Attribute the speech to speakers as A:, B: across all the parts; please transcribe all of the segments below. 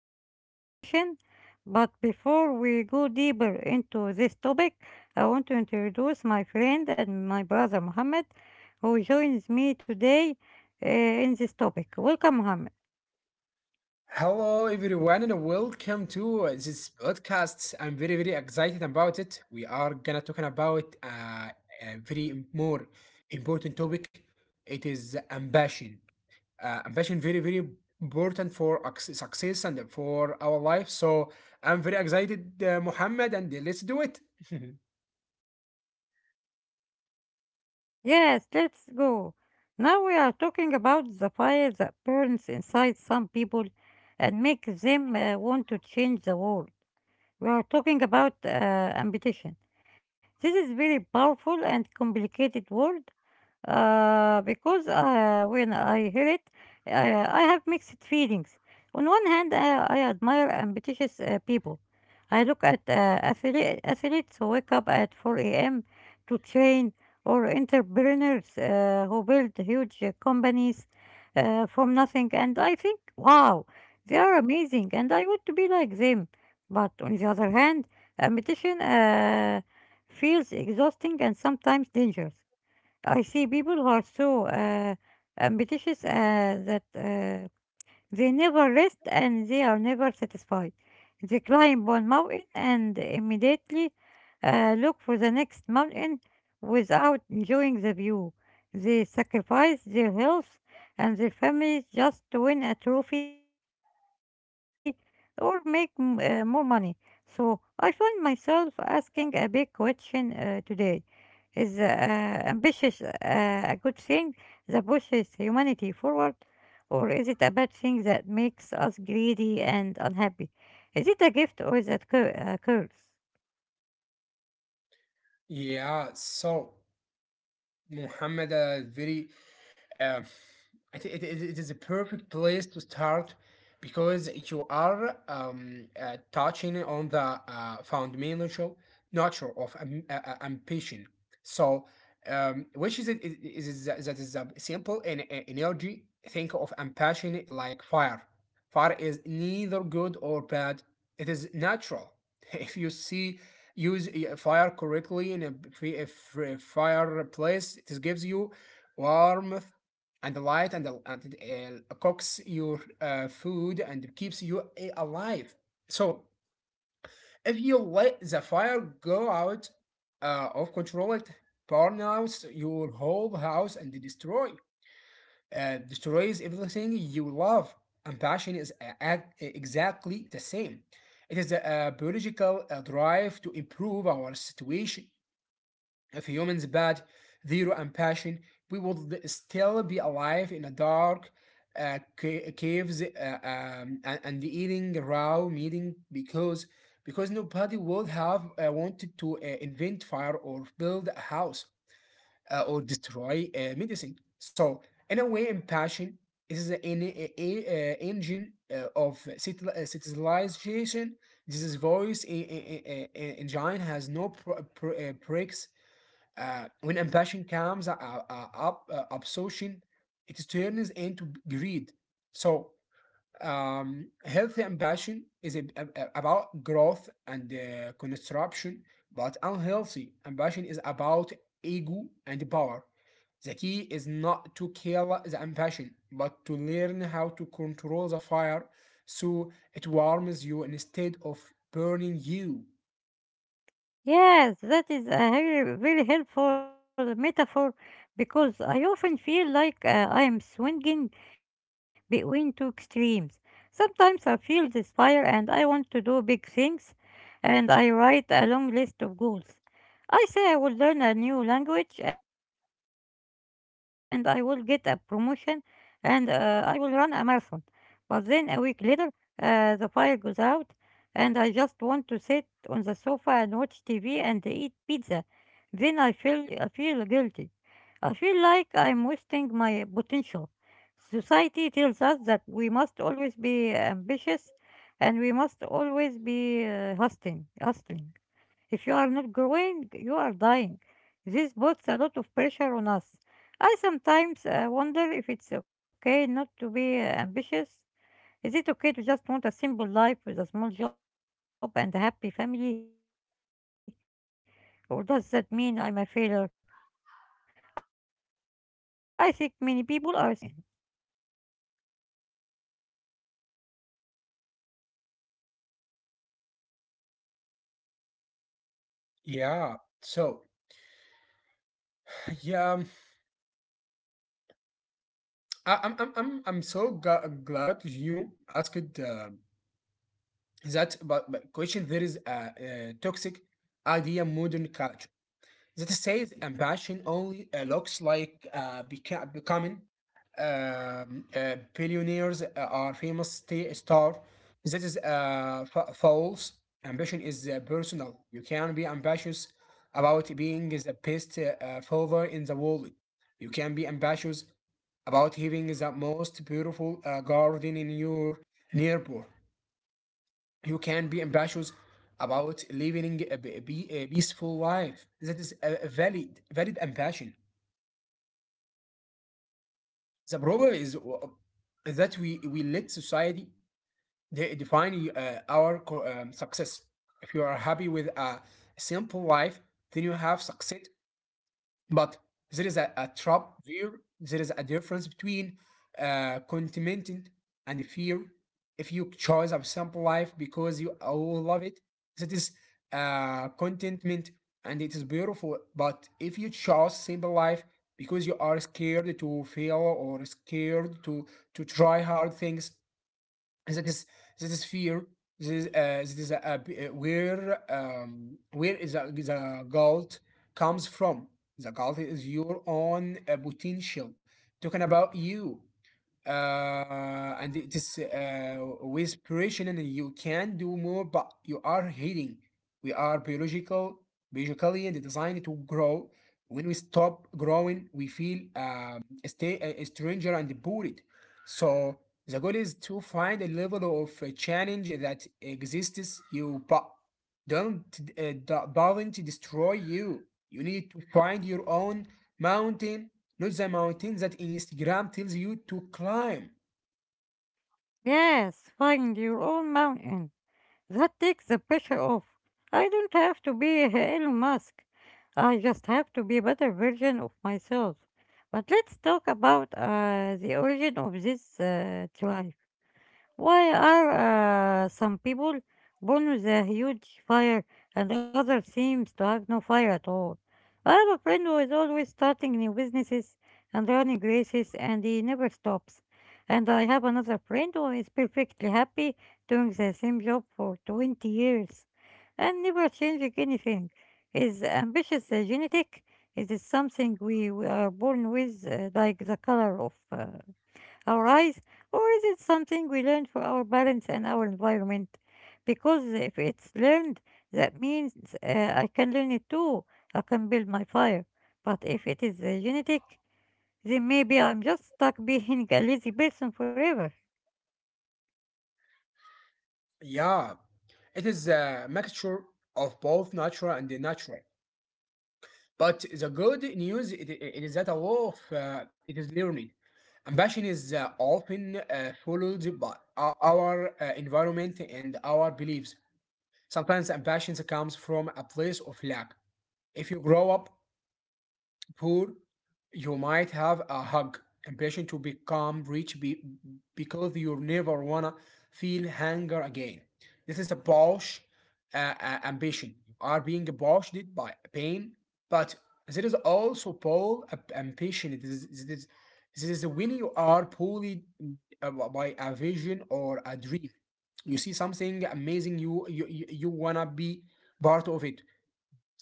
A: ambition. But before we go deeper into this topic, I want to introduce my friend and my brother Mohammed, who joins me today in this topic. Welcome, Mohammed.
B: Hello, everyone, and welcome to this podcast. I'm very, very excited about it. We are gonna talking about a very more important topic. It is ambition. Ambition very, very important for success and for our life. So I'm very excited, Muhammad, and let's do it.
A: Yes, let's go. Now we are talking about the fire that burns inside some people and makes them want to change the world. We are talking about ambition. This is very powerful and complicated word, because when I hear it, uh, I have mixed feelings. On one hand, I admire ambitious people. I look at athletes who wake up at 4 a.m. to train, or entrepreneurs who build huge companies from nothing, and I think, wow, they are amazing, and I want to be like them. But on the other hand, ambition feels exhausting and sometimes dangerous. I see people who are so ambitious that they never rest and they are never satisfied. They climb one mountain and immediately look for the next mountain without enjoying the view. They sacrifice their health and their families just to win a trophy or make more money. So I find myself asking a big question today. Is ambitious a good thing that pushes humanity forward? Or is it a bad thing that makes us greedy and unhappy? Is it a gift or is a curse?
B: Yeah. So Muhammad, very Um, it is a perfect place to start because you are touching on the fundamental nature of ambition. So, which is, is that that is a simple and energy. Think of ambition like fire. Fire is neither good or bad. It is natural. If you see use a fire correctly in a fireplace, it gives you warmth and the light and it cooks your food and keeps you alive. So if you let the fire go out of control, it burn out your whole house and destroys everything you love. And exactly the same. It is a biological drive to improve our situation. If humans bad, zero and passion, we would still be alive in a dark caves and eating raw meat because because nobody would have wanted to invent fire or build a house or destroy medicine. So in a way, impassion is an engine of civilization. This is voice engine has no breaks when ambition comes up, obsession, it turns into greed. So, healthy ambition is about growth and construction, but unhealthy ambition is about ego and power. The key is not to kill the ambition, but to learn how to control the fire so it warms you instead of burning you.
A: Yes, that is a very, very helpful metaphor because I often feel like I am swinging between two extremes. Sometimes I feel this fire and I want to do big things, and I write a long list of goals. I say I will learn a new language and I will get a promotion and I will run a marathon. But then a week later, the fire goes out and I just want to sit on the sofa and watch TV and eat pizza. Then I feel guilty. I feel like I'm wasting my potential. Society tells us that we must always be ambitious and we must always be hustling, hustling. If you are not growing, you are dying. This puts a lot of pressure on us. I sometimes wonder if it's okay not to be ambitious. Is it okay to just want a simple life with a small job and a happy family? Or does that mean I'm a failure? I think many people are scared to admit that they are tired of climbing the mountain.
B: Yeah. So, yeah, I'm so glad you asked that but question there is a toxic idea modern culture that says ambition only looks like becoming billionaires are famous star. That is false. Ambition is personal. You can be ambitious about being the best father in the world. You can be ambitious about having the most beautiful garden in your neighborhood. You can be ambitious about living a peaceful life. That is a valid ambition. The problem is that we let society define our success. If you are happy with a simple life, then you have success. But there is a trap there. There is a difference between contentment and fear. If you choose a simple life because you all love it, that is contentment, and it is beautiful. But if you choose simple life because you are scared to fail or scared to try hard things, that is that is fear. This is where is the guilt comes from. The guilt is your own potential talking about you, and it is with preparation and you can do more but you are healing. We are biologically designed to grow. When we stop growing we feel stay a stranger and bored. So the goal is to find a level of challenge that exists you but don't don't destroy you. You need to find your own mountain, not the mountain that Instagram tells you to climb.
A: Yes, find your own mountain. That takes the pressure off. I don't have to be Elon Musk. I just have to be a better version of myself. But let's talk about the origin of this drive. Why are some people born with a huge fire and others seems to have no fire at all? I have a friend who is always starting new businesses and running races and he never stops. And I have another friend who is perfectly happy doing the same job for 20 years and never changing anything. Is ambitious genetic? Is it something we are born with, like the color of alright? Or is it something we learn from our parents and our environment? Because if it's learned, that means I can learn it too. I can build my fire. But if it is genetic, then maybe I'm just stuck being a lazy person forever.
B: Yeah, it is a mixture of both natural and the natural. But the good news it is that a lot of it is learned. Ambition is often followed by our environment and our beliefs. Sometimes ambition comes from a place of lack. If you grow up poor, you might have a hug ambition to become rich because you never wanna feel hunger again. This is a Bosch ambition. You are being Bosched by pain, but there is also Paul ambition. This is when you are pulled by a vision or a dream. You see something amazing, you you wanna be part of it.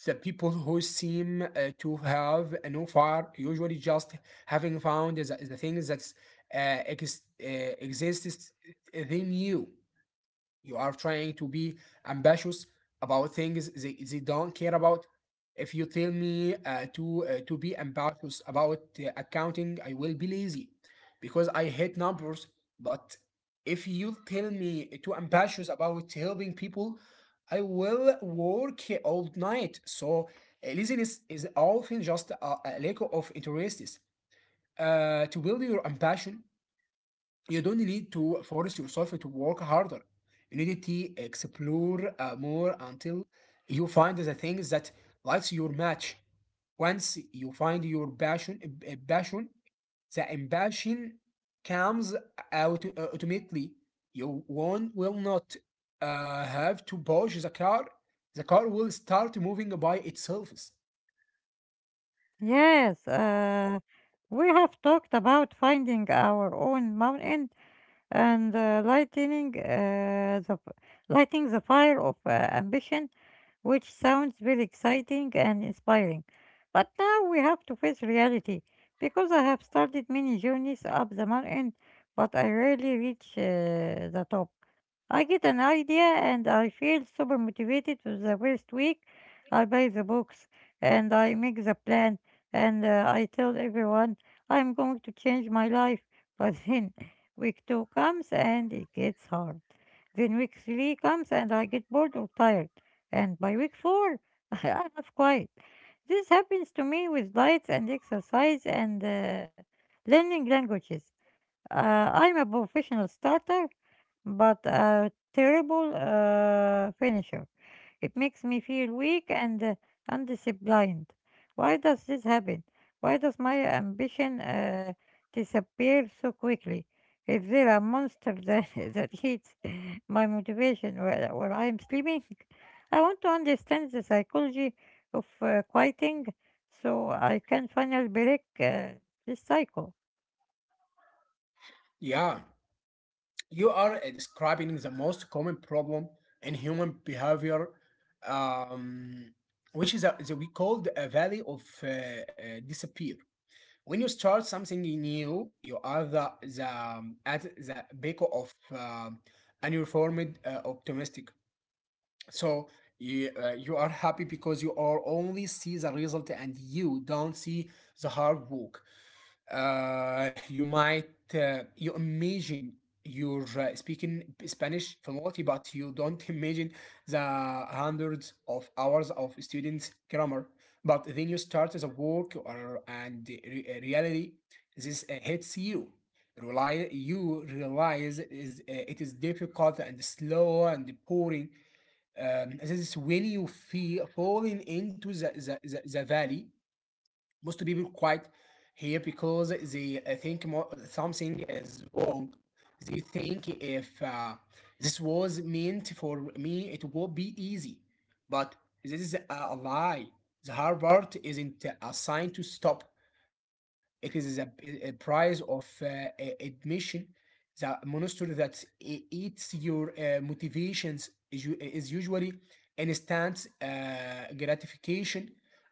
B: The people who seem to have no fire usually just having found the things that exists. They knew you are trying to be ambitious about things they don't care about. If you tell me to be ambitious about accounting, I will be lazy because I hate numbers. But if you tell me to ambitious about helping people, I will work all night. So laziness is often just a lack of interests. To build your ambition, you don't need to force yourself to work harder. You need to explore more until you find the things that lights your match. Once you find your passion, passion, the ambition comes out automatically. You one will not have to push the car. The car will start moving by itself.
A: Yes, we have talked about finding our own mountain and lighting the fire of ambition, which sounds very exciting and inspiring. But now we have to face reality because I have started many journeys up the mountain, but I rarely reach the top. I get an idea and I feel super motivated for the first week. I buy the books and I make the plan and I tell everyone I'm going to change my life. But then Week 2 comes and it gets hard. Then week 3 comes and I get bored or tired. And by week 4, I have quite. This happens to me with diets and exercise and learning languages. I'm a professional starter, but a terrible finisher. It makes me feel weak and undisciplined. Why does this happen? Why does my ambition disappear so quickly? Is there a monster that, that eats my motivation while I'm sleeping? I want to understand the psychology of quieting so I can finally break this cycle.
B: Yeah, you are describing the most common problem in human behavior, um, which is we called a valley of disappear. When you start something new, you are the at the beacon of uniformed optimistic. So you, you are happy because you are only see the result and you don't see the hard work. You might you imagine you're speaking Spanish fluently, but you don't imagine the hundreds of hours of students' grammar. But then you start the work or and reality. This hits you. You realize is it is difficult and slow and boring. This is when you feel falling into the valley. Most people quite here because they think more, something is wrong. They think if this was meant for me, it would be easy. But this is a lie. The hard part isn't a sign to stop. It is a price of admission. The monster that eats your motivations is, is usually instant gratification.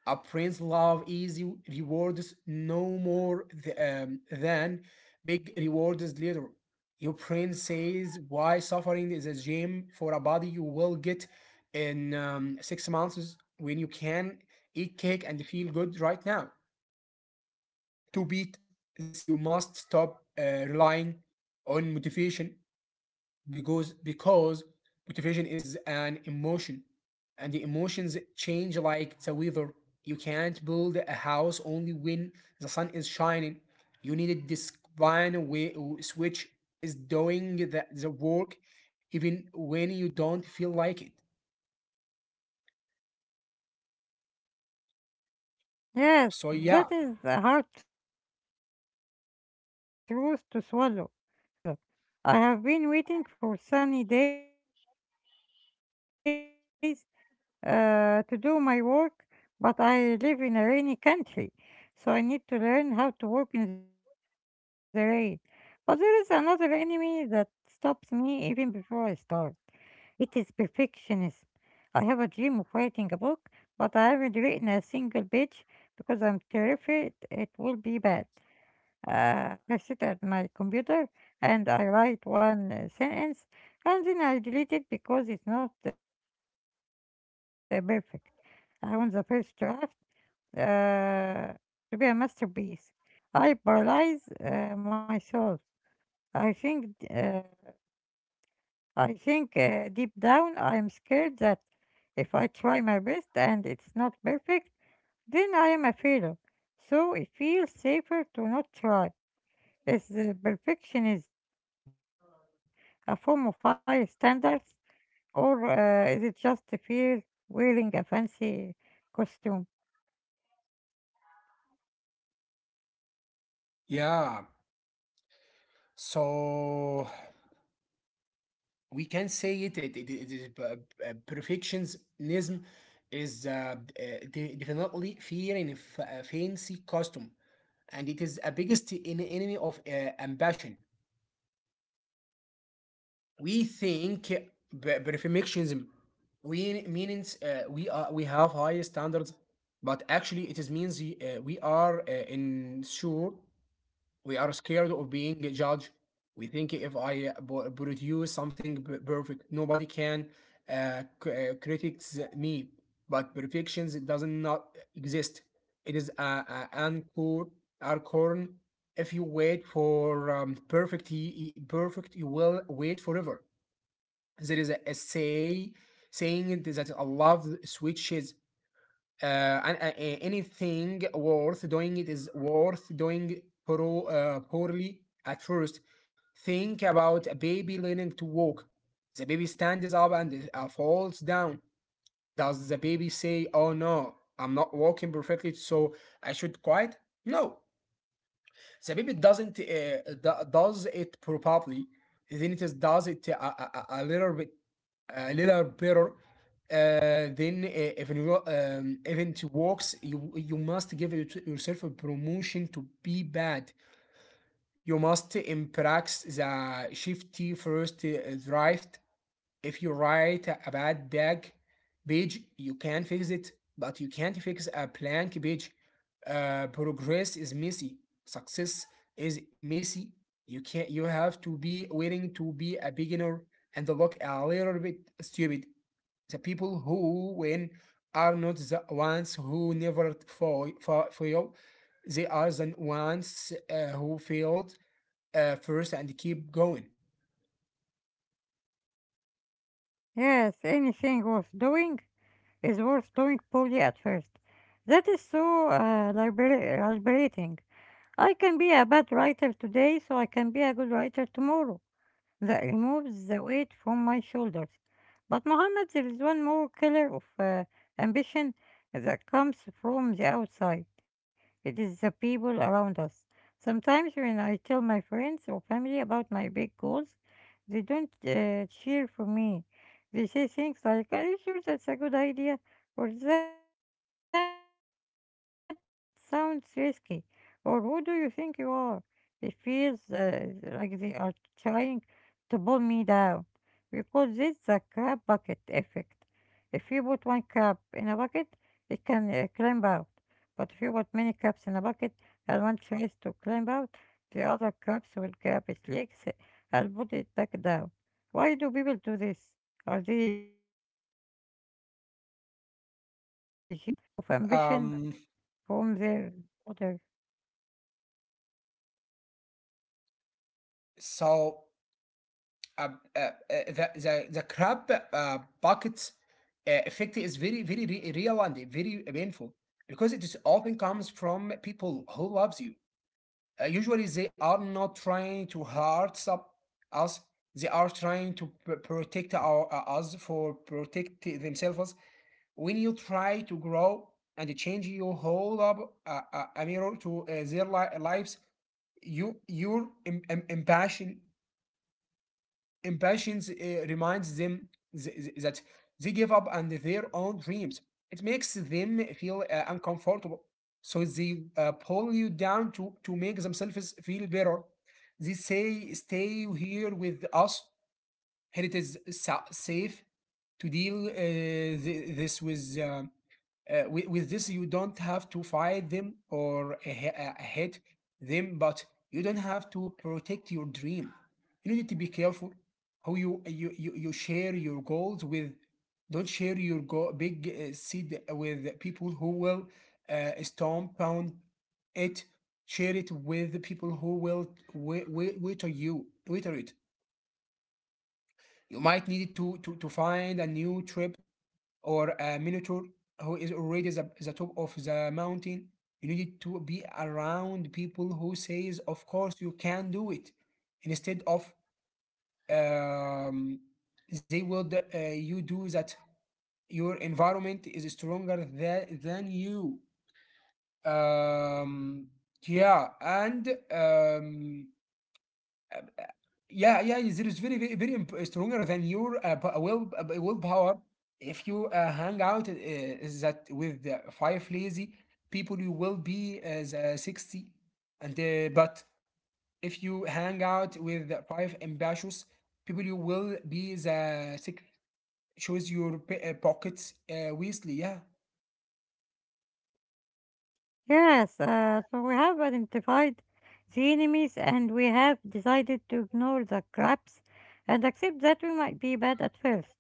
B: A prince love easy rewards no more than big rewards later. Your prince says why suffering is a gem for a body you will get in 6 months when you can eat cake and feel good right now. To beat this, you must stop relying on motivation because motivation is an emotion and the emotions change like the weather. You can't build a house only when the sun is shining. You need a discipline switch is doing the work even when you don't feel like it.
A: Yes,
B: So
A: that
B: yeah.
A: is a hard truth to swallow. Motivation. Yes, yes. Motivation is like the weather. I have been waiting for sunny days to do my work, but I live in a rainy country, so I need to learn how to work in the rain. But there is another enemy that stops me even before I start. It is perfectionism. I have a dream of writing a book, but I haven't written a single page because I'm terrified it will be bad. I sit at my computer and I write one sentence and then I delete it because it's not perfect. I want the first draft uh, to be a masterpiece. Because I can't do it perfectly, I don't do it at all. I paralyze myself. I think, uh, I think deep down, I'm scared that if I try my best and it's not perfect, then I am a failure. So it feels safer to not try. Is the perfectionism a form of high standards, or is it just a fear wearing a fancy costume?
B: Yeah, so we can say it is perfectionism is definitely fear in a fancy costume, and it is a biggest enemy of ambition. We think perfectionism we means we are we have high standards, but actually it is means we are unsure. We are scared of being judged. We think if I produce something perfect, nobody can critics me. But perfection does not exist. It is a anchor, acorn. If you wait for perfect, perfect, you will wait forever. There is a saying that a love switches anything worth doing it is worth doing poorly at first. Think about a baby learning to walk. The baby stands up and falls down. Does the baby say, "Oh no, I'm not walking perfectly, so I should quit?" No. The baby doesn't does it probably. Then it is does it a a little bit a little better even works. You must give your- yourself a promotion to be bad. You must impress the shifty first draft. If you write a bad bag page you can fix it, but you can't fix a blank page. Progress is messy. Success is messy. You can't you have to be willing to be a beginner and look a little bit stupid. The people who win are not the ones who never fail. They are the ones who failed first and keep going.
A: Yes, anything worth doing is worth doing poorly at first. That is so liberating. I can be a bad writer today, so I can be a good writer tomorrow. That removes the weight from my shoulders. But Muhammad, there is one more killer of ambition that comes from the outside. It is the people around us. Sometimes when I tell my friends or family about my big goals, they don't cheer for me. They say things like, "Are you sure that's a good idea?" Or "that sounds risky?" Or "who do you think you are?" It feels like they are trying to pull me down. We call this the crab bucket effect. If you put one cup in a bucket, it can climb out. But if you put many cups in a bucket and one tries to climb out, the other cups will grab its legs and put it back down. Why do people do this? Are they jealous? And how do I protect my little flame of
B: Um,
A: ambition from their water?
B: so uh, uh, uh, the crab bucket effect is very real and very painful because it is often comes from people who loves you. Usually they are not trying to hurt us. They are trying to protect our us for protect themselves. When you try to grow and change your whole up, a mirror to their lives, you your im- im- impassion Impatience reminds them th- that they give up on their own dreams. It makes them feel uncomfortable. So they pull you down to make themselves feel better. They say, "Stay here with us. Here it is safe to deal this." with. With this, you don't have to fight them or hate them, but you don't have to protect your dream. You need to be careful how you share your goals with. Don't share your big seed with people who will stomp on it. Share it with the people who will wait on you, wait on it. You might need to find a new trip or a minotaur who is already the top of the mountain. You need to be around people who says, "Of course you can do it," instead of um, they will you do that. Your environment is stronger than you. Um, yeah, and yeah, yeah, there is very stronger than your willpower. If you hang out is that with the five lazy people, you will be as 60. And but if you hang out with the five ambitious people, you will be the six. Shows your pockets wisely. Yeah.
A: Yes, so we have identified the enemies and we have decided to ignore the crabs and accept that we might be bad at first.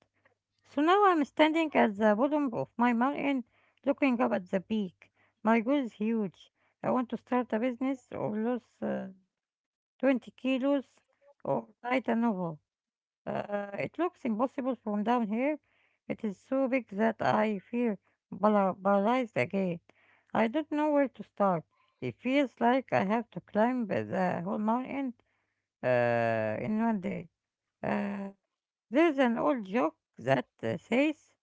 A: So now I'm standing at the bottom of my mountain looking up at the peak. My goal is huge. I want to start a business or lose 20 kilos or write a novel. It looks impossible from down here. It is so big that I feel paralyzed again. I don't know where to start. It feels like I have to climb the whole mountain in one day. Uh, there's an old joke that says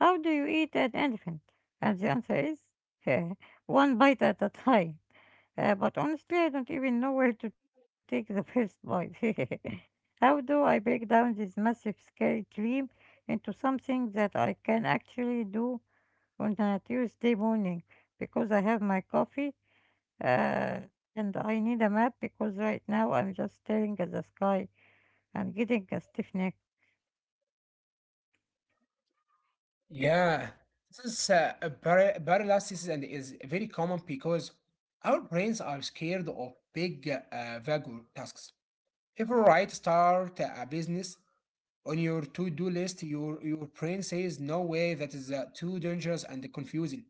A: how do you eat an elephant? And the answer is one bite at a time. But honestly, I don't even know where to take the first bite. How do I break down this massive, scary dream into something that I can actually do on a Tuesday morning? Because I have my coffee uh, and I need a map because right now I'm just staring at the sky and getting a stiff neck.
B: Yeah, this is a paralysis and is very common because our brains are scared of big, vague tasks. If we write start a business on your to-do list, your brain says no way, that is too dangerous and confusing,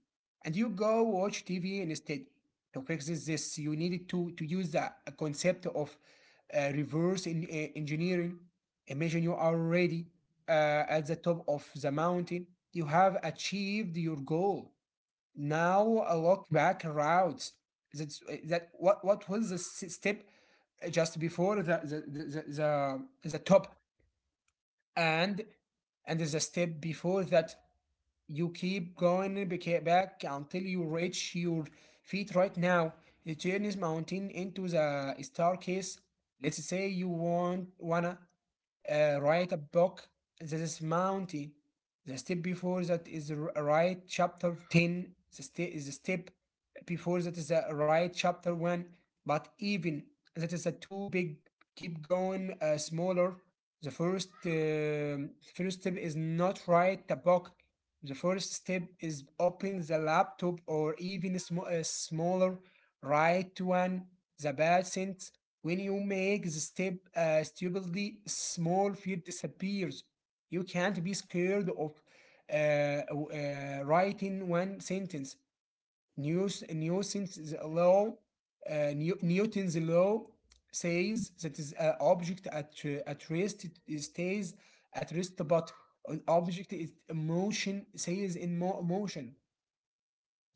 B: and you go watch TV instead. To fix this, you needed to use the concept of reverse engineering. Imagine you are already at the top of the mountain. You have achieved your goal. Now look back routes. That's that. What was the step just before the, top, and and the step before that, you keep going back until you reach your feet right now. It turns mountain into the staircase. Let's say you want wanna write a book. This is mountain. The step before that is right chapter 10. The step before that is a right chapter 1. But even that is a too big. Keep going smaller. The first step is not write the book. The first step is open the laptop, or even a smaller, write one. The patient, when you make the step stupidly small, fear disappears. You can't be scared of writing one sentence. New's, Newton's law, New, Newton's law says that is an object at rest it stays at rest, but an object is motion stays in motion.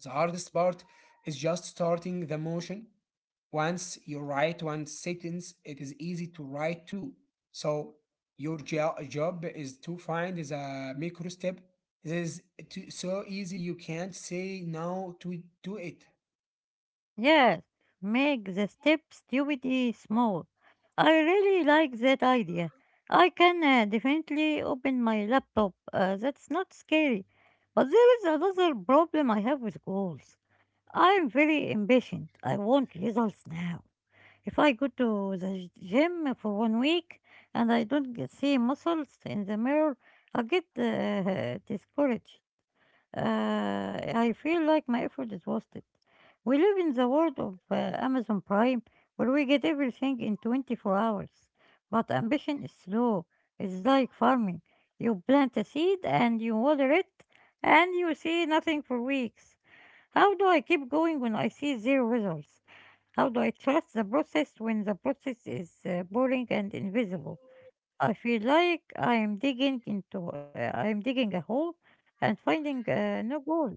B: The hardest part is just starting the motion. Once you write one sentence, it is easy to write two. So your job is to find the micro step. It is so easy you can't say no to do it.
A: Yes, make the step stupidity small. I really like that idea. I can definitely open my laptop. That's not scary. But there is another problem I have with goals. I'm very impatient. I want results now. If I go to the gym for one week and I don't get- see muscles in the mirror, I get discouraged. I feel like my effort is wasted. We live in the world of Amazon Prime where we get everything in 24 hours. But ambition is slow. It's like farming. You plant a seed and you water it and you see nothing for weeks. How do I keep going when I see zero results? How do I trust the process when the process is boring and invisible? I feel like I am digging a hole and finding no goal.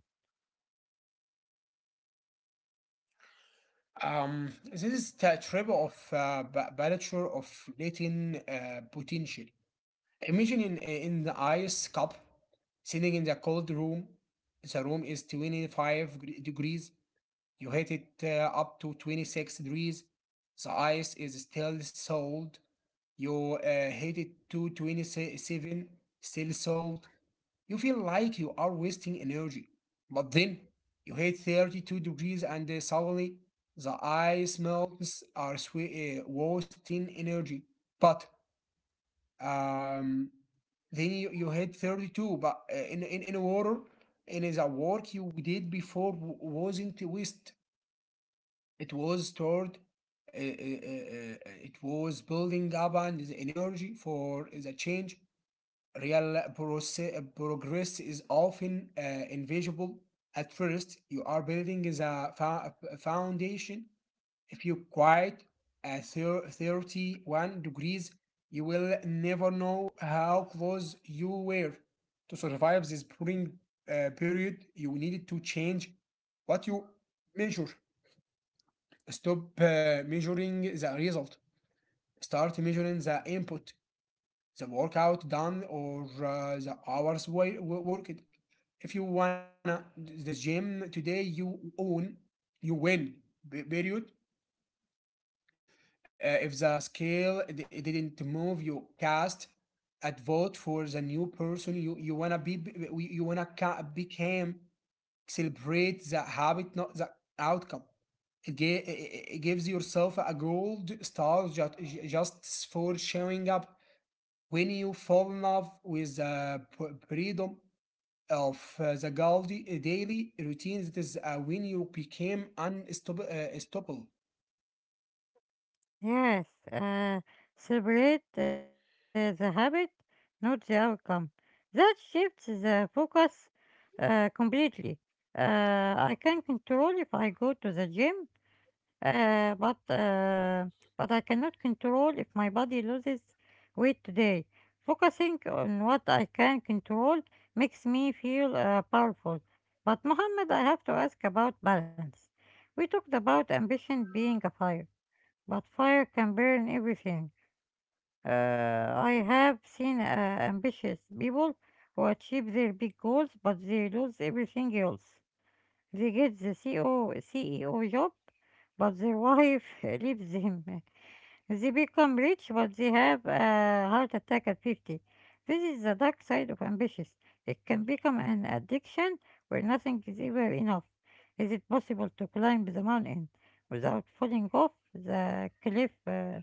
B: This is the triple of balature of latent potential. Imagine in the ice cup, sitting in the cold room. The room is 25 degrees. You heat it up to 26 degrees. The ice is still solid. You heat it to 27, still solid. You feel like you are wasting energy, but then you hit 32 degrees and suddenly the ice melts are wasting energy. But um, then you hit 32, but in water, in the work you did before wasn't waste. It was stored, it was building up and the energy for the change. Real progress is often invisible. At first, you are building the foundation. If you quiet at 31 degrees, you will never know how close you were. To survive this pruning period, you needed to change what you measure. Stop measuring the result. Start measuring the input, the workout done or the hours worked. If you wanna the gym today, you win. Period. Even if the scale didn't move, you cast at vote for the new person you wanna be. You wanna become. Celebrate the habit, not the outcome. It, ga- it gives yourself a gold star, just for showing up. When you fall in love with the freedom of the Gaudi daily routines, it is when you became unstoppable. Stoppable.
A: Yes, uh, celebrate the habit, not the outcome. That shifts the focus completely. Uh, I can control if I go to the gym, uh, but uh, but I cannot control if my body loses weight today. Focusing on what I can control makes me feel powerful. But Mohammed, I have to ask about balance. We talked about ambition being a fire, but fire can burn everything. I have seen ambitious people who achieve their big goals, but they lose everything else. They get the CEO job, but their wife leaves them. They become rich, but they have a heart attack at 50. This is the dark side of ambitious. It can become an addiction where nothing is ever enough. Is it possible to climb the mountain without falling off the cliff?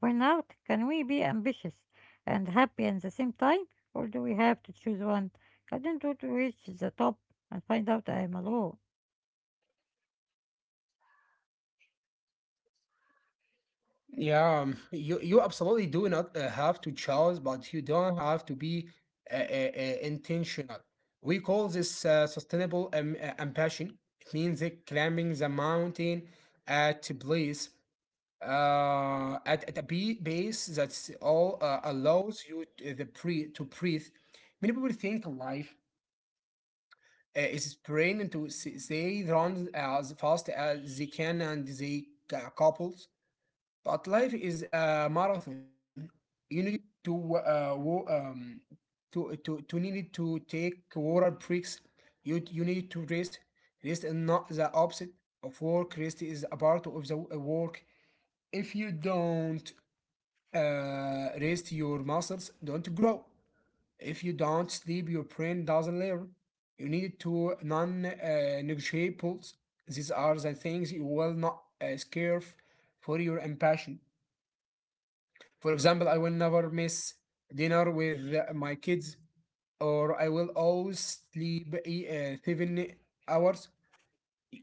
A: For now, can we be ambitious and happy at the same time, or do we have to choose one? I don't want to reach the top and find out I am alone.
B: Yeah, you absolutely do not have to choose, but you don't have to be intentional. We call this sustainable ambition. It means that climbing the mountain at a place, at a base that's all allows you t- the pre to breathe. Many people think life is spraying into they run as fast as they can and they couples, but life is a marathon. You need to wo- to need to take water breaks. You need to rest. Rest is not the opposite of work. Rest is a part of the work. If you don't rest your muscles don't grow. If you don't sleep, your brain doesn't learn. You need to non negotiables. These are the things you will not scare for your ambition. For example, I will never miss dinner with my kids, or I will always sleep 7 hours.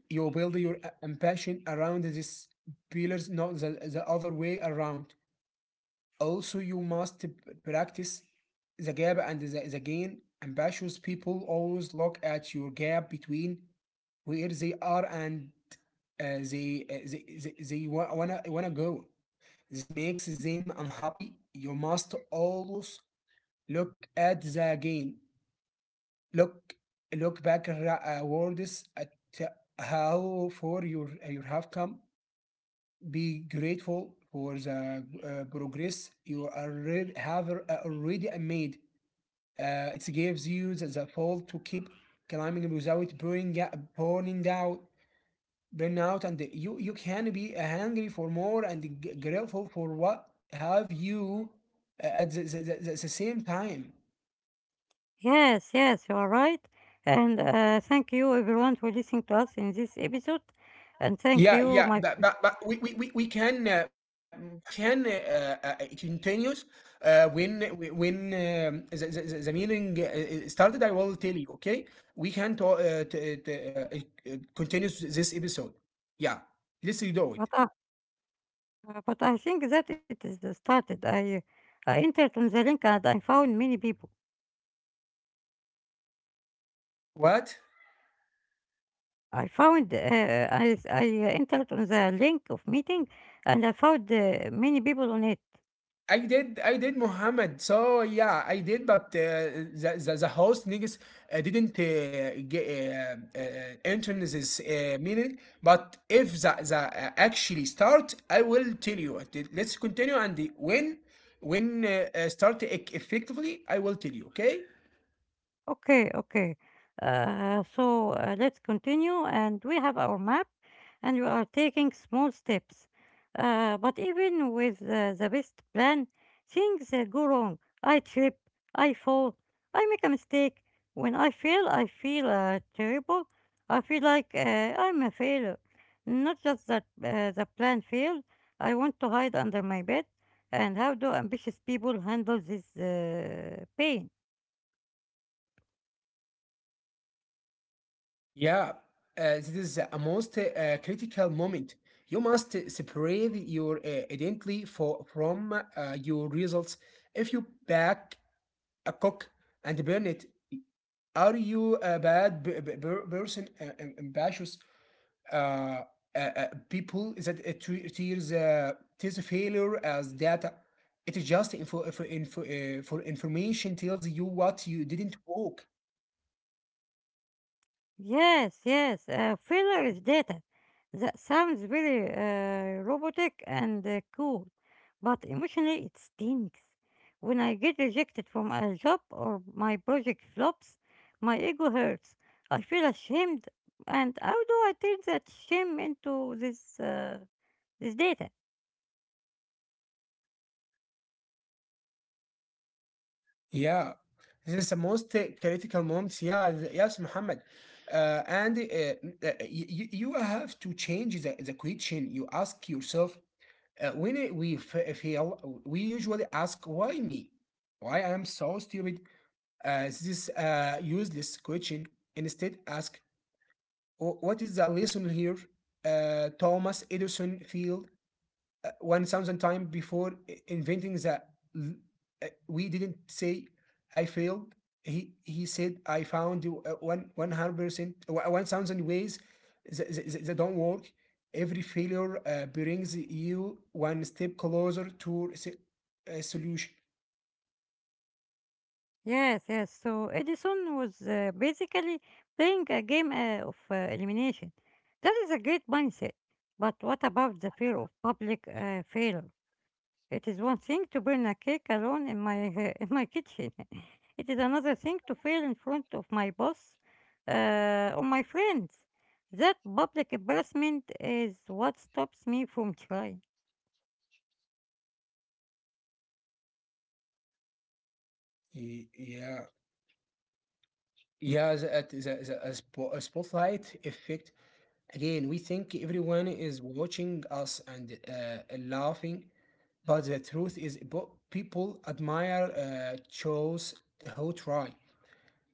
B: You build your ambition around these pillars, not the other way around. Also, you must practice the gap and the gain. Ambitious people always look at your gap between where they are and uh, they, uh, they, they, wanna go. This makes them unhappy. You must always look at the gain. Look, look back words at how far you have come. Be grateful for the progress you already have already made. It gives you the pull to keep climbing without burnout, and you can be hungry for more and grateful for what have you at the same time.
A: Yes, yes, you are right. And thank you everyone for listening to us in this episode. And thank
B: Yeah,
A: you,
B: yeah,
A: my
B: but we can, Mohammed, we can continues uh, when when the meeting started. I will tell you, okay? We can continue this episode. Yeah, let's do it.
A: but I, uh, but I think that it is the started. I entered on the link and I found many people.
B: What?
A: I found I entered on the link of meeting and I found many people on it.
B: I did, Muhammad. So yeah, I did, but the host niggas didn't get intern this meaning. But if the, the actually start, I will tell you. Let's continue and when start effectively, I will tell you. Okay?
A: Okay, okay. Let's continue. And we have our map, and we are taking small steps. But even with the best plan, things go wrong. I trip, I fall, I make a mistake. When I fail, I feel terrible. I feel like I'm a failure. Not just that the plan failed, I want to hide under my bed. And how do ambitious people handle this pain?
B: Yeah, this is a most critical moment. You must separate your identity from your results. If you back a cook and burn it, are you a bad person? Ambitious uh, people that treats failure as data? It is just information, tells you what you didn't work.
A: Yes, yes, filler is data. That sounds very robotic and cool, but emotionally it stinks. When I get rejected from a job or my project flops, my ego hurts. I feel ashamed, and how do I turn that shame into this data?
B: Yeah, this is the most critical moment. Yeah, yes, Muhammad. And you have to change the question you ask yourself. When we fail, we usually ask, why me? Why I am so stupid? This is a useless question. Instead, ask, What is the lesson here?" Thomas Edison failed 1000 times before inventing that. We didn't say, "I failed." He said, "I found one 100% 1000 ways that don't work." Every failure brings you one step closer to a solution.
A: Yes, yes. So Edison was basically playing a game of elimination. That is a great mindset. But what about the fear of public failure? It is one thing to burn a cake alone in my in my kitchen. It is another thing to fail in front of my boss or my friends. That public embarrassment is what stops me from trying.
B: Yeah, yeah, that, the a spo- a spotlight effect. Again, we think everyone is watching us and laughing, but the truth is, people admire those who try.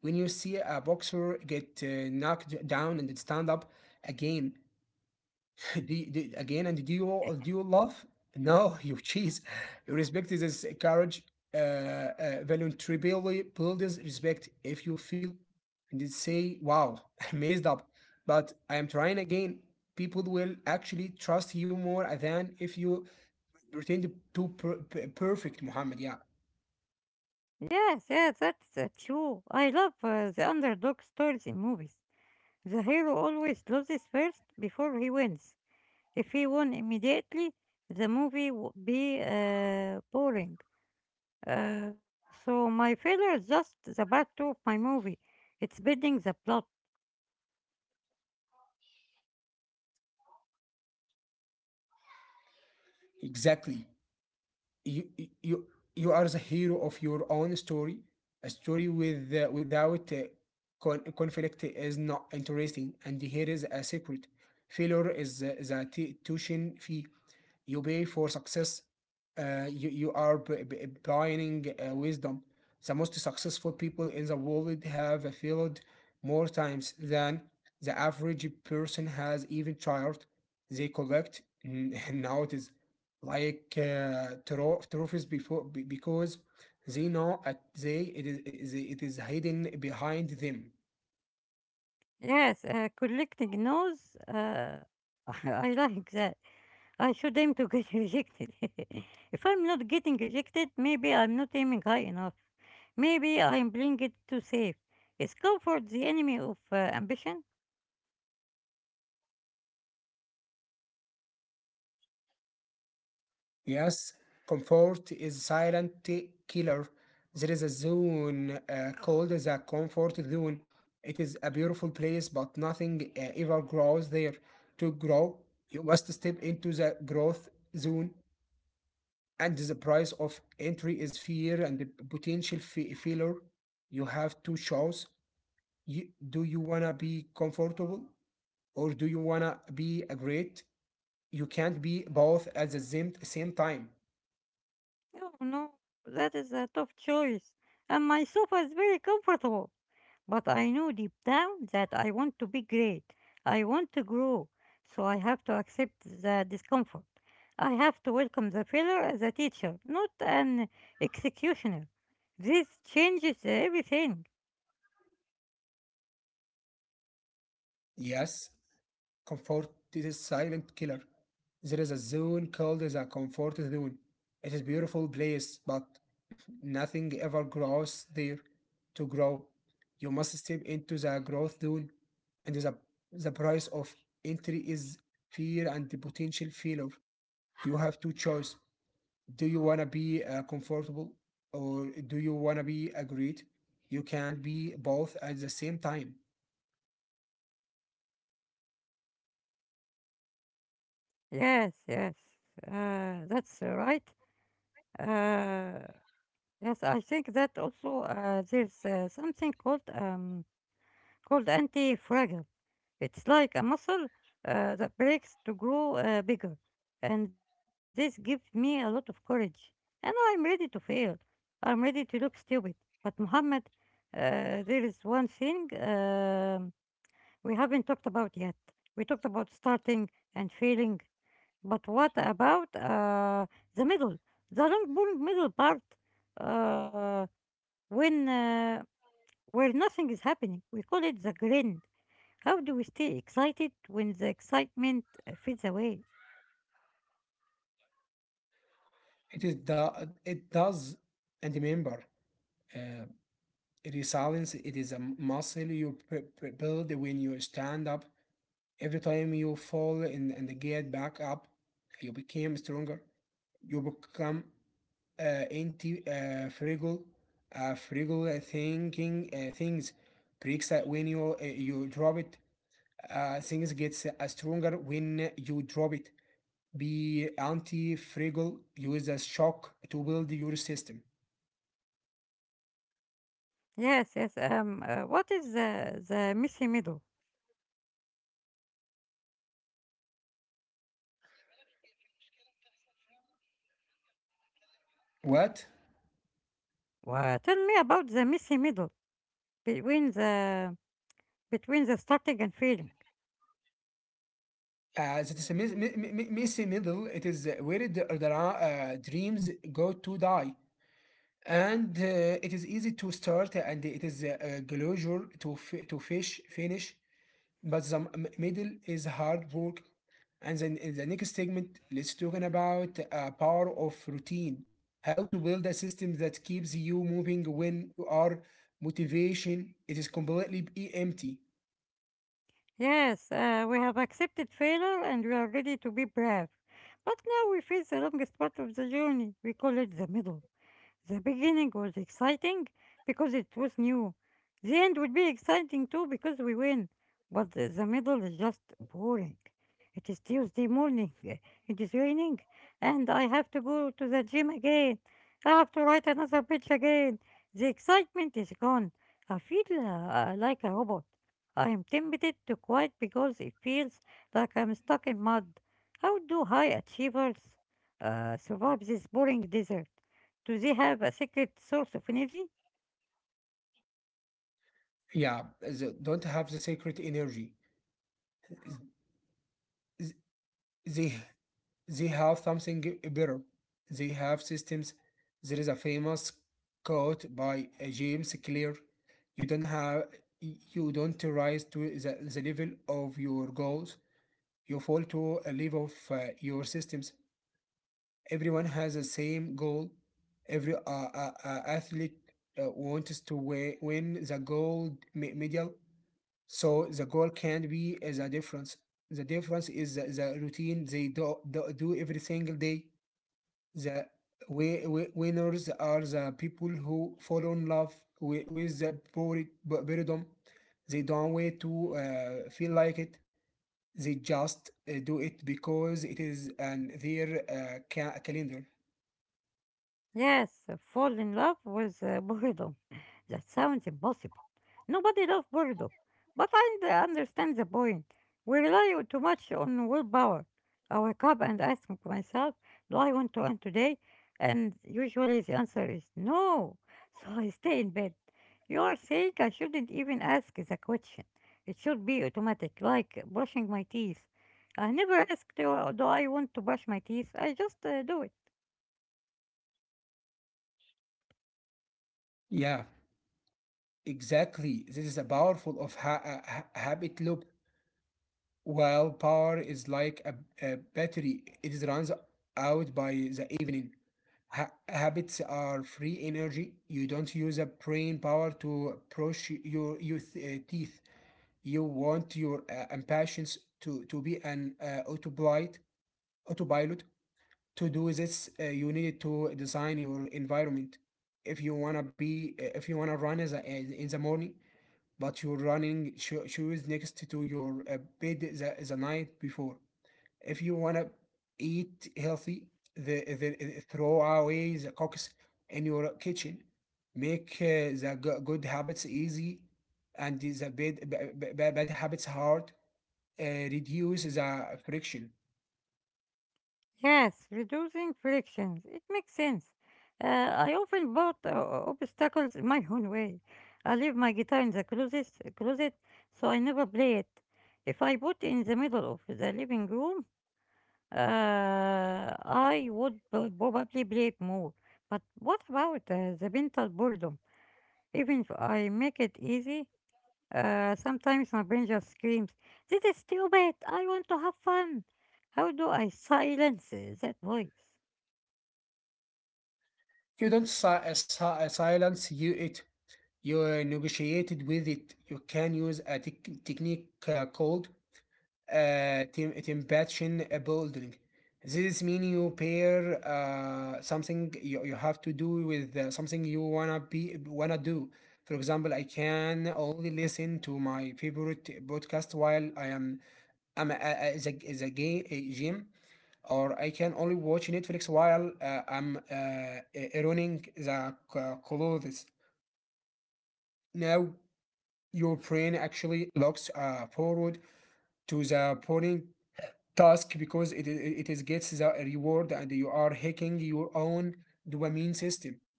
B: When you see a boxer get knocked down and stand up again, do you, do, again and do you do you love? No. You cheese. You respect. Is this courage? uh, Voluntarily builds respect. If you feel and they say, "Wow, I messed up but I am trying again," people will actually trust you more than if you pretend to perfect. Muhammad, yeah.
A: Yes, yes, that's true. I love the underdog stories in movies. The hero always loses first before he wins. If he won immediately, the movie would be boring. Uh, so my failure is just the part two of my movie. It's building the plot.
B: Exactly, you you you are the hero of your own story. A story without conflict is not interesting, and here is a secret. Failure is the tuition fee you pay for success. You are buying wisdom. The most successful people in the world have failed more times than the average person has even tried. They collect nowadays like trophies before because they know at they it is hidden behind them.
A: Yes, collecting nose. I like that. I should aim to get rejected. If I'm not getting rejected, maybe I'm not aiming high enough. Maybe I'm playing it too safe. Is comfort the enemy of ambition?
B: Yes, comfort is silent killer. There is a zone called the comfort zone. It is a beautiful place, but nothing ever grows there. To grow, you must step into the growth zone, and the price of entry is fear and the potential failure. You have two choices. Do you wanna be comfortable, or do you wanna be a great? You can't be both at the same time.
A: No, no, that is a tough choice. And my sofa is very comfortable. But I know deep down that I want to be great. I want to grow. So I have to accept the discomfort. I have to welcome the failure as a teacher, not an executioner. This changes everything.
B: Yes, comfort is a silent killer. There is a zone called the comfort zone. It is a beautiful place, but nothing ever grows there to grow. You must step into the growth zone, and the price of entry is fear and the potential failure. You have two choice. Do you wanna be comfortable or do you wanna be a great? You can't be both at the same time.
A: Yes, yes. That's right. Uh, yes, I think that also there's something called called anti-fragile. It's like a muscle that breaks to grow bigger. And this gives me a lot of courage. And I'm ready to fail. I'm ready to look stupid. But, Muhammad, there is one thing we haven't talked about yet. We talked about starting and failing. But what about the middle? The long, boring middle part uh, when where nothing is happening. We call it the grind. How do we stay excited when the excitement fades away?
B: It is the it does, and remember, uh, resilience. It is a muscle you build when you stand up. Every time you fall and get back up, you become stronger. You become anti fragile. Fragile thinking things breaks that when you drop it. Things gets stronger when you drop it. Be anti-fragile. Use a shock to build your system.
A: Yes, yes. What is the messy middle?
B: What?
A: Well, tell me about the messy middle between the between the starting and failing.
B: It is a messy middle. It is where the dreams go to die. And it is easy to start and it is a pleasure to, f- to fish finish. But the middle is hard work. And then in the next segment, let's talking about power of routine. How to build a system that keeps you moving when you are motivation. It is completely empty.
A: Yes, we have accepted failure and we are ready to be brave, but now we face the longest part of the journey. We call it the middle. The beginning was exciting because it was new. The end would be exciting too because we win. But the middle is just boring. It is Tuesday morning. It is raining. And I have to go to the gym again. I have to write another pitch again. The excitement is gone. I feel like a robot. I am tempted to quit because it feels like I'm stuck in mud. How do high achievers survive this boring desert? Do they have a secret source of energy?
B: Yeah, don't have the secret energy. They they have something better. They have systems. There is a famous quote by James Clear: "You don't have, you don't rise to the level of your goals. You fall to a level of your systems. Everyone has the same goal. Every athlete wants to win the gold medal. So the goal can be the difference. The difference is the routine they do every single day. The winners are the people who fall in love with the boredom. They don't wait to feel like it. They just do it because it is on their calendar.
A: Yes, fall in love with boredom. That sounds impossible. Nobody loves Bordeaux, but I d- understand the point. We rely on- too much on willpower. I wake up and ask m- myself, do I want to run today? And usually the answer is no. So I stay in bed. You are saying I shouldn't even ask the question. It should be automatic, like brushing my teeth. I never ask, do I want to brush my teeth? I just do it.
B: Yeah, exactly. This is a powerful of habit loop. Well, power is like a battery. It runs out by the evening. Habits are free energy. You don't use a brain power to brush your teeth. You want your impatience to be an autopilot. autopilot. To do this, you need to design your environment. If you wanna be, if you wanna run as in the morning, but you're running shoes next to your bed the night before if you want to eat healthy, the, the, throw away the cooks in your kitchen. Make the good habits easy and the bad habits hard. Reduce the friction.
A: Yes, reducing frictions. It makes sense. I often put obstacles in my own way. I leave my guitar in the closet, so I never play it. If I put in the middle of the living room, uh, I would pro- probably play it more. But what about the mental boredom? Even if I make it easy, sometimes my brain just screams, "This is stupid! I want to have fun." How do I silence that voice?
B: You don't silence you it. You negotiated with it. You can use a technique called temptation building. This mean you pair something you have to do with something you wanna do. For example, I can only listen to my favorite podcast while I am I'm a, the, a gay a gym, or I can only watch Netflix while I'm ironing the clothes. Now your brain actually looks forward to the boring task because it, I- it is gets the reward and you are hacking your own dopamine system.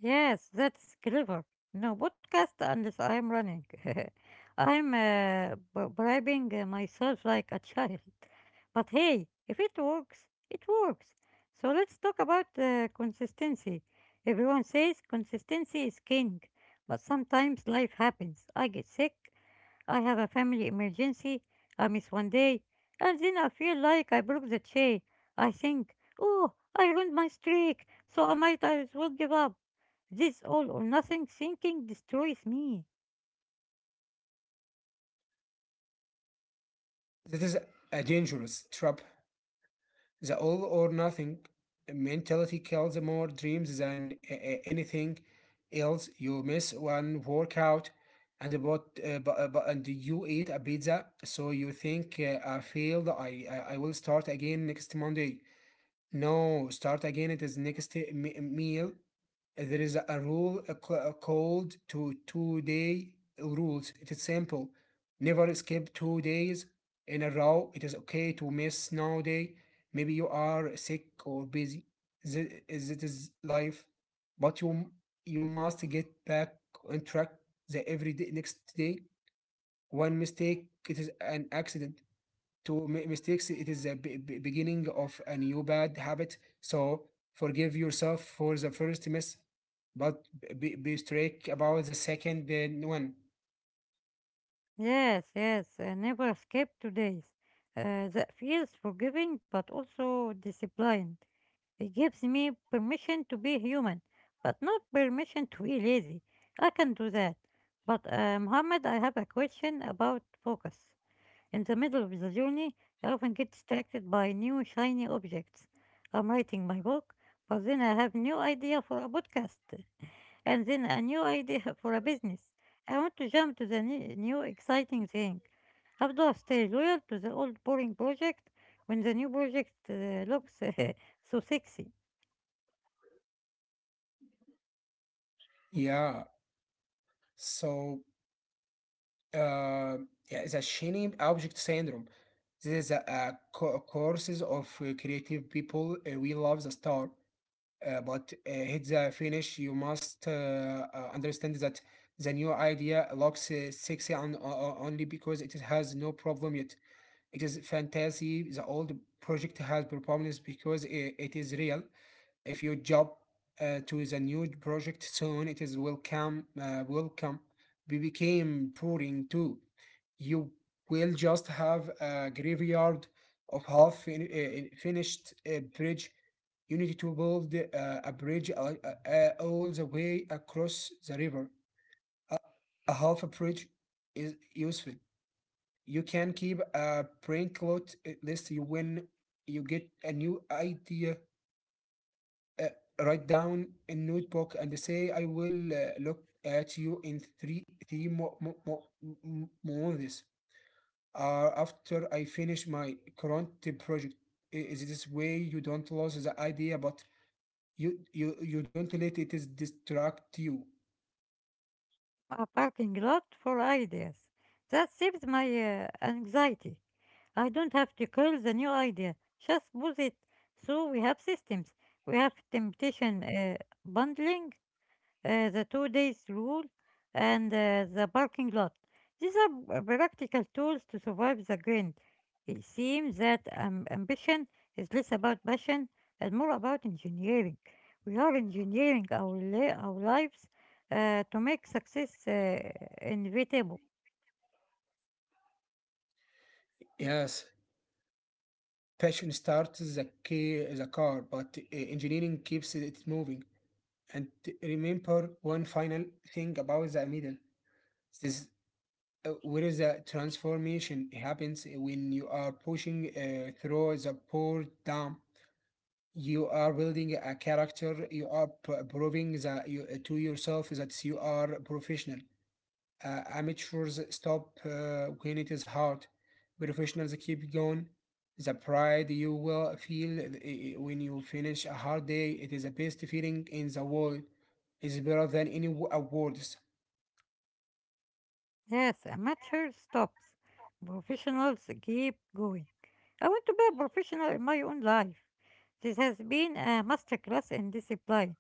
A: Yes, that's clever. No podcast unless I'm running. I'm b- bribing myself like a child. But hey, if it works, it works. So let's talk about consistency. Everyone says consistency is king, but sometimes life happens. I get sick, I have a family emergency, I miss one day, and then I feel like I broke the chain. I think, oh, I ruined my streak, so I might as well give up. This all or nothing thinking destroys me.
B: That is a dangerous trap. The all or nothing mentality kills more dreams than anything else. You miss one workout and about but and you eat a pizza, so you think I failed. I will start again next Monday. No, start again. It is next meal. There is a rule called to 2 day rules. It is simple. Never skip 2 days in a row. It is okay to miss now day. Maybe you are sick or busy. It is life. But you must get back on track the every day next day. One mistake, it is an accident to mistakes it is the beginning of a new bad habit, so forgive yourself for the first miss, but be strict about the second one.
A: Yes, yes, I never skip two days. That feels forgiving but also disciplined. It gives me permission to be human, but not permission to be lazy. I can do that. But Muhammad, I have a question about focus. In the middle of the journey, I often get distracted by new shiny objects. I'm writing my book, but then I have no idea for a podcast, and then a new idea for a business. I want to jump to the ne- new exciting thing. How do I stay loyal to the old boring project when the new project looks so sexy?
B: Yeah, so uh, yeah, the shiny object syndrome, this is a courses of creative people. We love the star. But Hit the finish, you must understand that the new idea looks sexy only because it has no problem yet. It is fantasy. The old project has problems because it is real. If you jump to the new project soon, it is welcome. We became pouring too. You will just have a graveyard of half finished bridge. You need to build a bridge all the way across the river. A half a bridge is useful. You can keep a printout list. you when you get a new idea. Uh, Write down in notebook and say, I will look at you in three months after I finish my current project. Is this way you don't lose the idea, but you don't let it is distract you.
A: A parking lot for ideas. That saves my anxiety. I don't have to call the new idea, just boost it. So we have systems. We have temptation bundling, the two days rule, and the parking lot. These are p- practical tools to survive the grind. It seems that ambition is less about passion and more about engineering. We are engineering our, li- our lives to make success inevitable.
B: Yes, passion starts the key, the car, but engineering keeps it moving. And remember one final thing about the middle. This where the transformation happens when you are pushing through the poor dam. You are building a character. You are proving that to yourself that you are professional. Amateurs stop when it is hard. Professionals keep going. The pride you will feel when you finish a hard day, it is the best feeling in the world. It's better than any awards.
A: Yes, amateur stops. Professionals keep going. I want to be a professional in my own life. This has been a masterclass in discipline.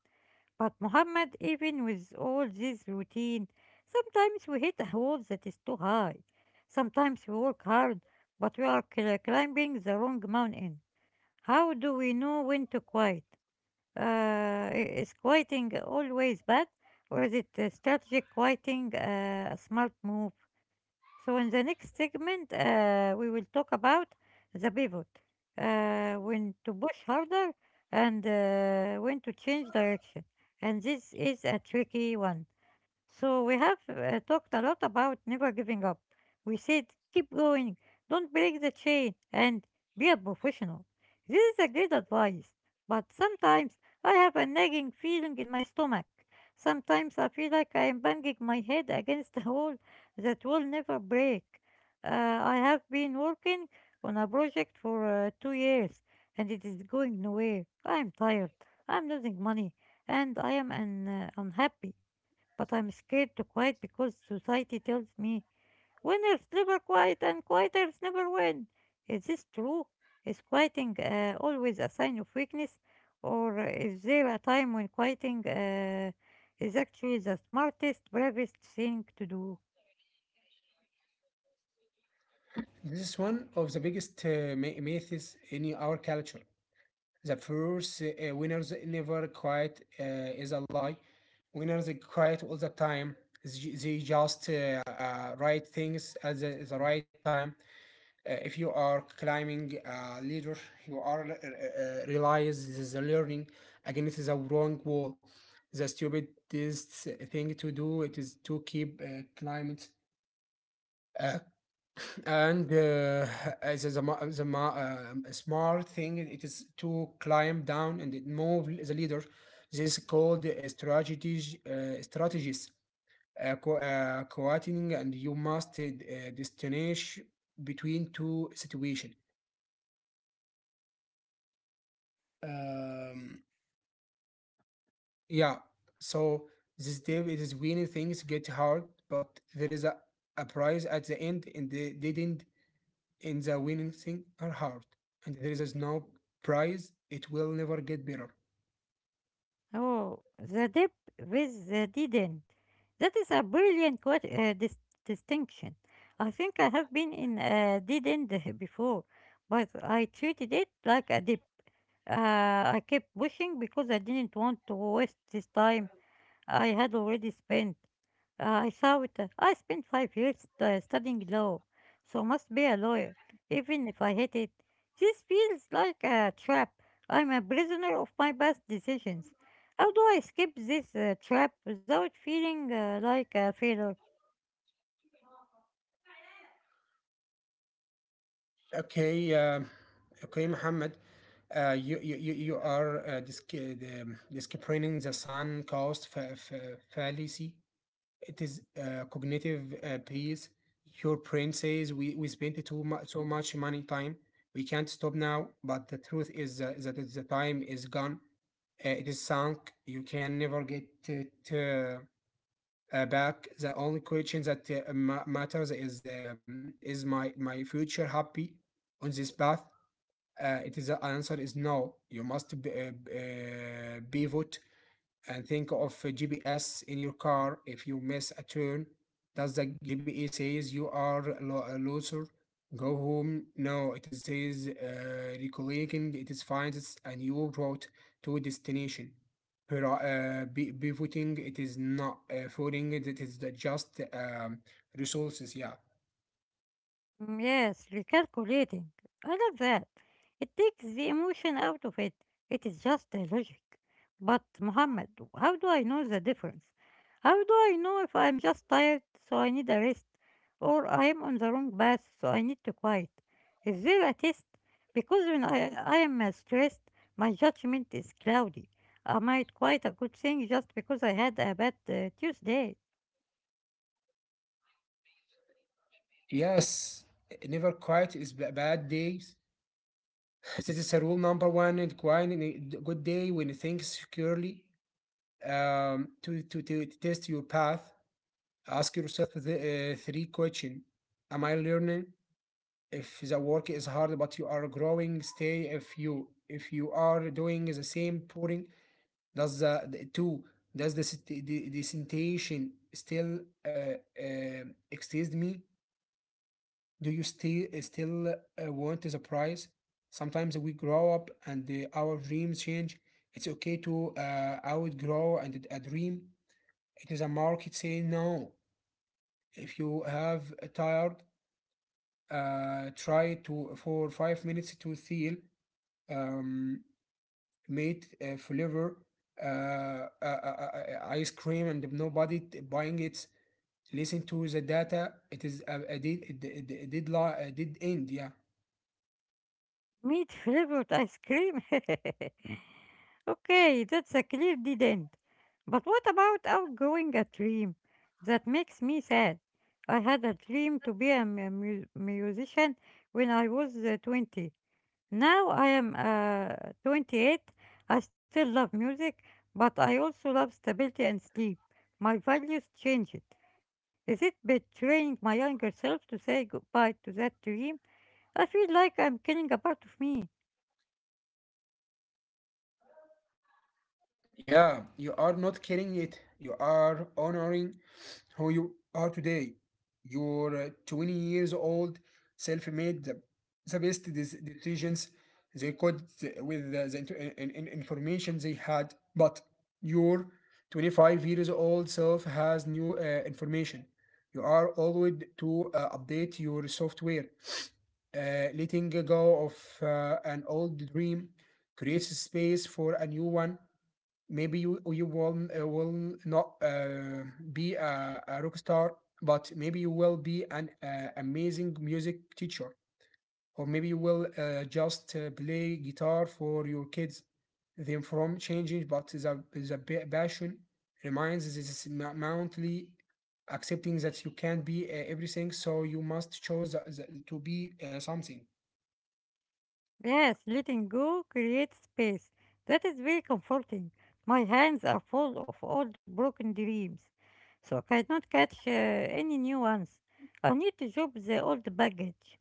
A: But Muhammad, even with all this routine, sometimes we hit a wall that is too high. Sometimes we work hard, but we are cl- climbing the wrong mountain. How do we know when to quit? I- is quieting always bad, or is it strategic quieting a smart move? So in the next segment, we will talk about the pivot, when to push harder and when to change direction. And this is a tricky one, so we have talked a lot about never giving up. We said keep going, don't break the chain, and be a professional. This is a great advice, but sometimes I have a nagging feeling in my stomach. Sometimes I feel like I am banging my head against a wall that will never break. I have been working on a project for 2 years, and it is going nowhere. I am tired, I am losing money, and I am un- unhappy, but I'm scared to quiet because society tells me winners never quiet and quieters never win. Is this true? Is quieting always a sign of weakness, or is there a time when quieting is actually the smartest, bravest thing to do?
B: This is one of the biggest myths in our culture. The first winners never quiet is a lie. Winners are quiet all the time. They just write things at the right time. If you are climbing a ladder, you are realize this is a learning. Again, it is a wrong wall. The stupidest thing to do it is to keep climbing. Uh, and as a, the, ma- a smart thing it is to climb down and move the leader. This is called strategies. Coordinating, and you must distinguish between two situation. Um, yeah, so this day, it is winning things get hard, but there is a prize at the end, and they didn't in the winning thing are hard, and there is no prize. It will never get better.
A: Oh, the dip with the didn't. That is a brilliant que- dis- distinction. I think I have been in a dead end before, but I treated it like a dip. I kept pushing because I didn't want to waste this time I had already spent. I thought I spent 5 years studying law, so must be a lawyer, even if I hate it. This feels like a trap. I'm a prisoner of my past decisions. How do I escape this trap without feeling like a failure?
B: Okay, um, okay, Muhammad. You are disciplinary the sun caused fallacy. It is cognitive piece. Your brain says we spent too much so much money time. We can't stop now, but the truth is that is the time is gone. It is sunk. You can never get it back. The only question that matters is is my future happy on this path. It is the answer is no. You must pivot and think of a GPS in your car. If you miss a turn, does the GPS says you are a loser? Go home. No, it is says recollecting. It is finds a new route to destination. Here, pivoting. It is not footing. It is the just resources. Yeah.
A: Mm, yes, recalculating. I love that. It takes the emotion out of it. It is just the logic. But, Muhammad, how do I know the difference? How do I know if I'm just tired, so I need a rest, or I am on the wrong path, so I need to quiet? Is there a test? Because when I am stressed, my judgment is cloudy. I might quite a good thing just because I had a bad Tuesday.
B: Yes, never quiet is bad days. This is a rule number one, and quiet in a good day when you think securely. To test your path, ask yourself the three question. Am I learning? If the work is hard but you are growing, stay. If you are doing the same pouring, does the, the two does the sensation still uh, uh, exist me? Do you still want the prize? Sometimes we grow up and our dreams change. It's okay to outgrow and a dream. It is a market saying no. If you have a tired, try to for 5 minutes to feel um, made flavor ice cream and nobody buying it. Listen to the data. It is a dead end. Yeah.
A: Meat flavored ice cream. Okay, that's a clear dead end. But what about outgrowing a dream? That makes me sad. I had a dream to be a musician when I was 20. Now I am 28. I still love music, but I also love stability and sleep. My values changed. Is it betraying my younger self to say goodbye to that dream? I feel like I'm killing a part of me.
B: Yeah, you are not carrying it. You are honoring who you are today. You're 20 years old, self made, the best decisions they could with the information they had. But your 25 years old self has new information. You are always to update your software. Letting go of an old dream creates space for a new one. Maybe you will not be a rock star, but maybe you will be an amazing music teacher, or maybe you will just play guitar for your kids them from changing but passion reminds us this mountainly accepting that you can't be everything, so you must choose to be something.
A: Yes, letting go creates space. That is very comforting. My hands are full of old broken dreams, so I cannot catch any new ones. I need to drop the old baggage.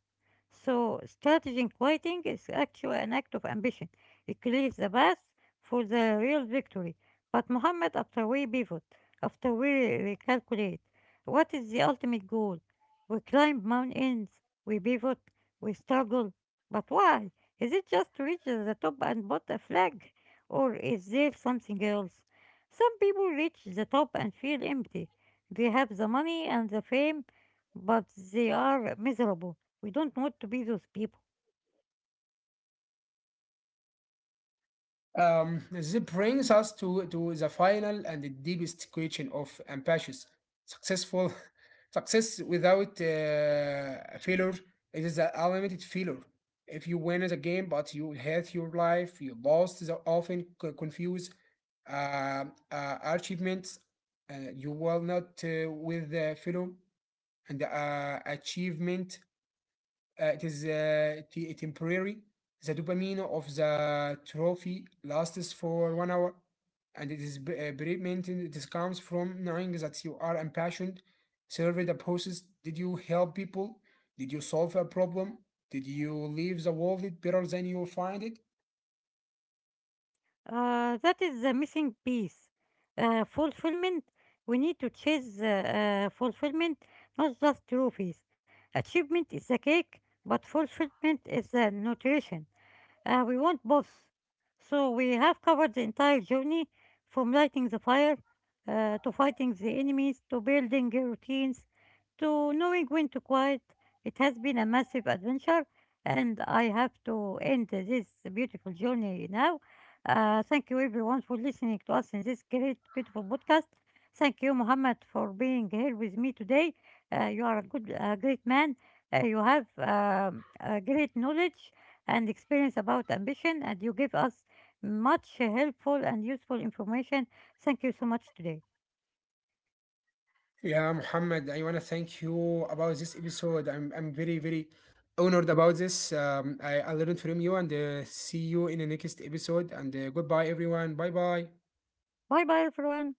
A: So, strategy in quieting is actually an act of ambition. It clears the path for the real victory. But, Muhammad, after we pivot, after we recalculate, what is the ultimate goal? We climb mountains, we pivot, we struggle. But why? Is it just reaching the top and bought a flag? Or is there something else? Some people reach the top and feel empty. They have the money and the fame, but they are miserable. We don't want to be those people.
B: This brings us to the final and the deepest question of ambitious, successful success without failure. It is an unlimited failure. If you win the game, but you hate your life, you lost the often confuse uh, achievements. You will not with the failure and achievement. It is temporary. The dopamine of the trophy lasts for 1 hour, and it is beratement. This comes from knowing that you are impassioned. Survey the process. Did you help people? Did you solve a problem? Did you leave the world better than you find it?
A: That is the missing piece. Fulfillment. We need to chase fulfillment, not just trophies. Achievement is the cake, but fulfillment is the nutrition. We want both. So we have covered the entire journey from lighting the fire to fighting the enemies to building routines to knowing when to quiet. It has been a massive adventure, and I have to end this beautiful journey now. Thank you, everyone, for listening to us in this great, beautiful podcast. Thank you, Muhammad, for being here with me today. You are a great man. You have a great knowledge and experience about ambition, and you give us much helpful and useful information. Thank you so much today.
B: Yeah, Muhammad, I want to thank you about this episode. I'm very, very honored about this. I learned from you and see you in the next episode. And goodbye, everyone. Bye bye.
A: Bye bye, everyone.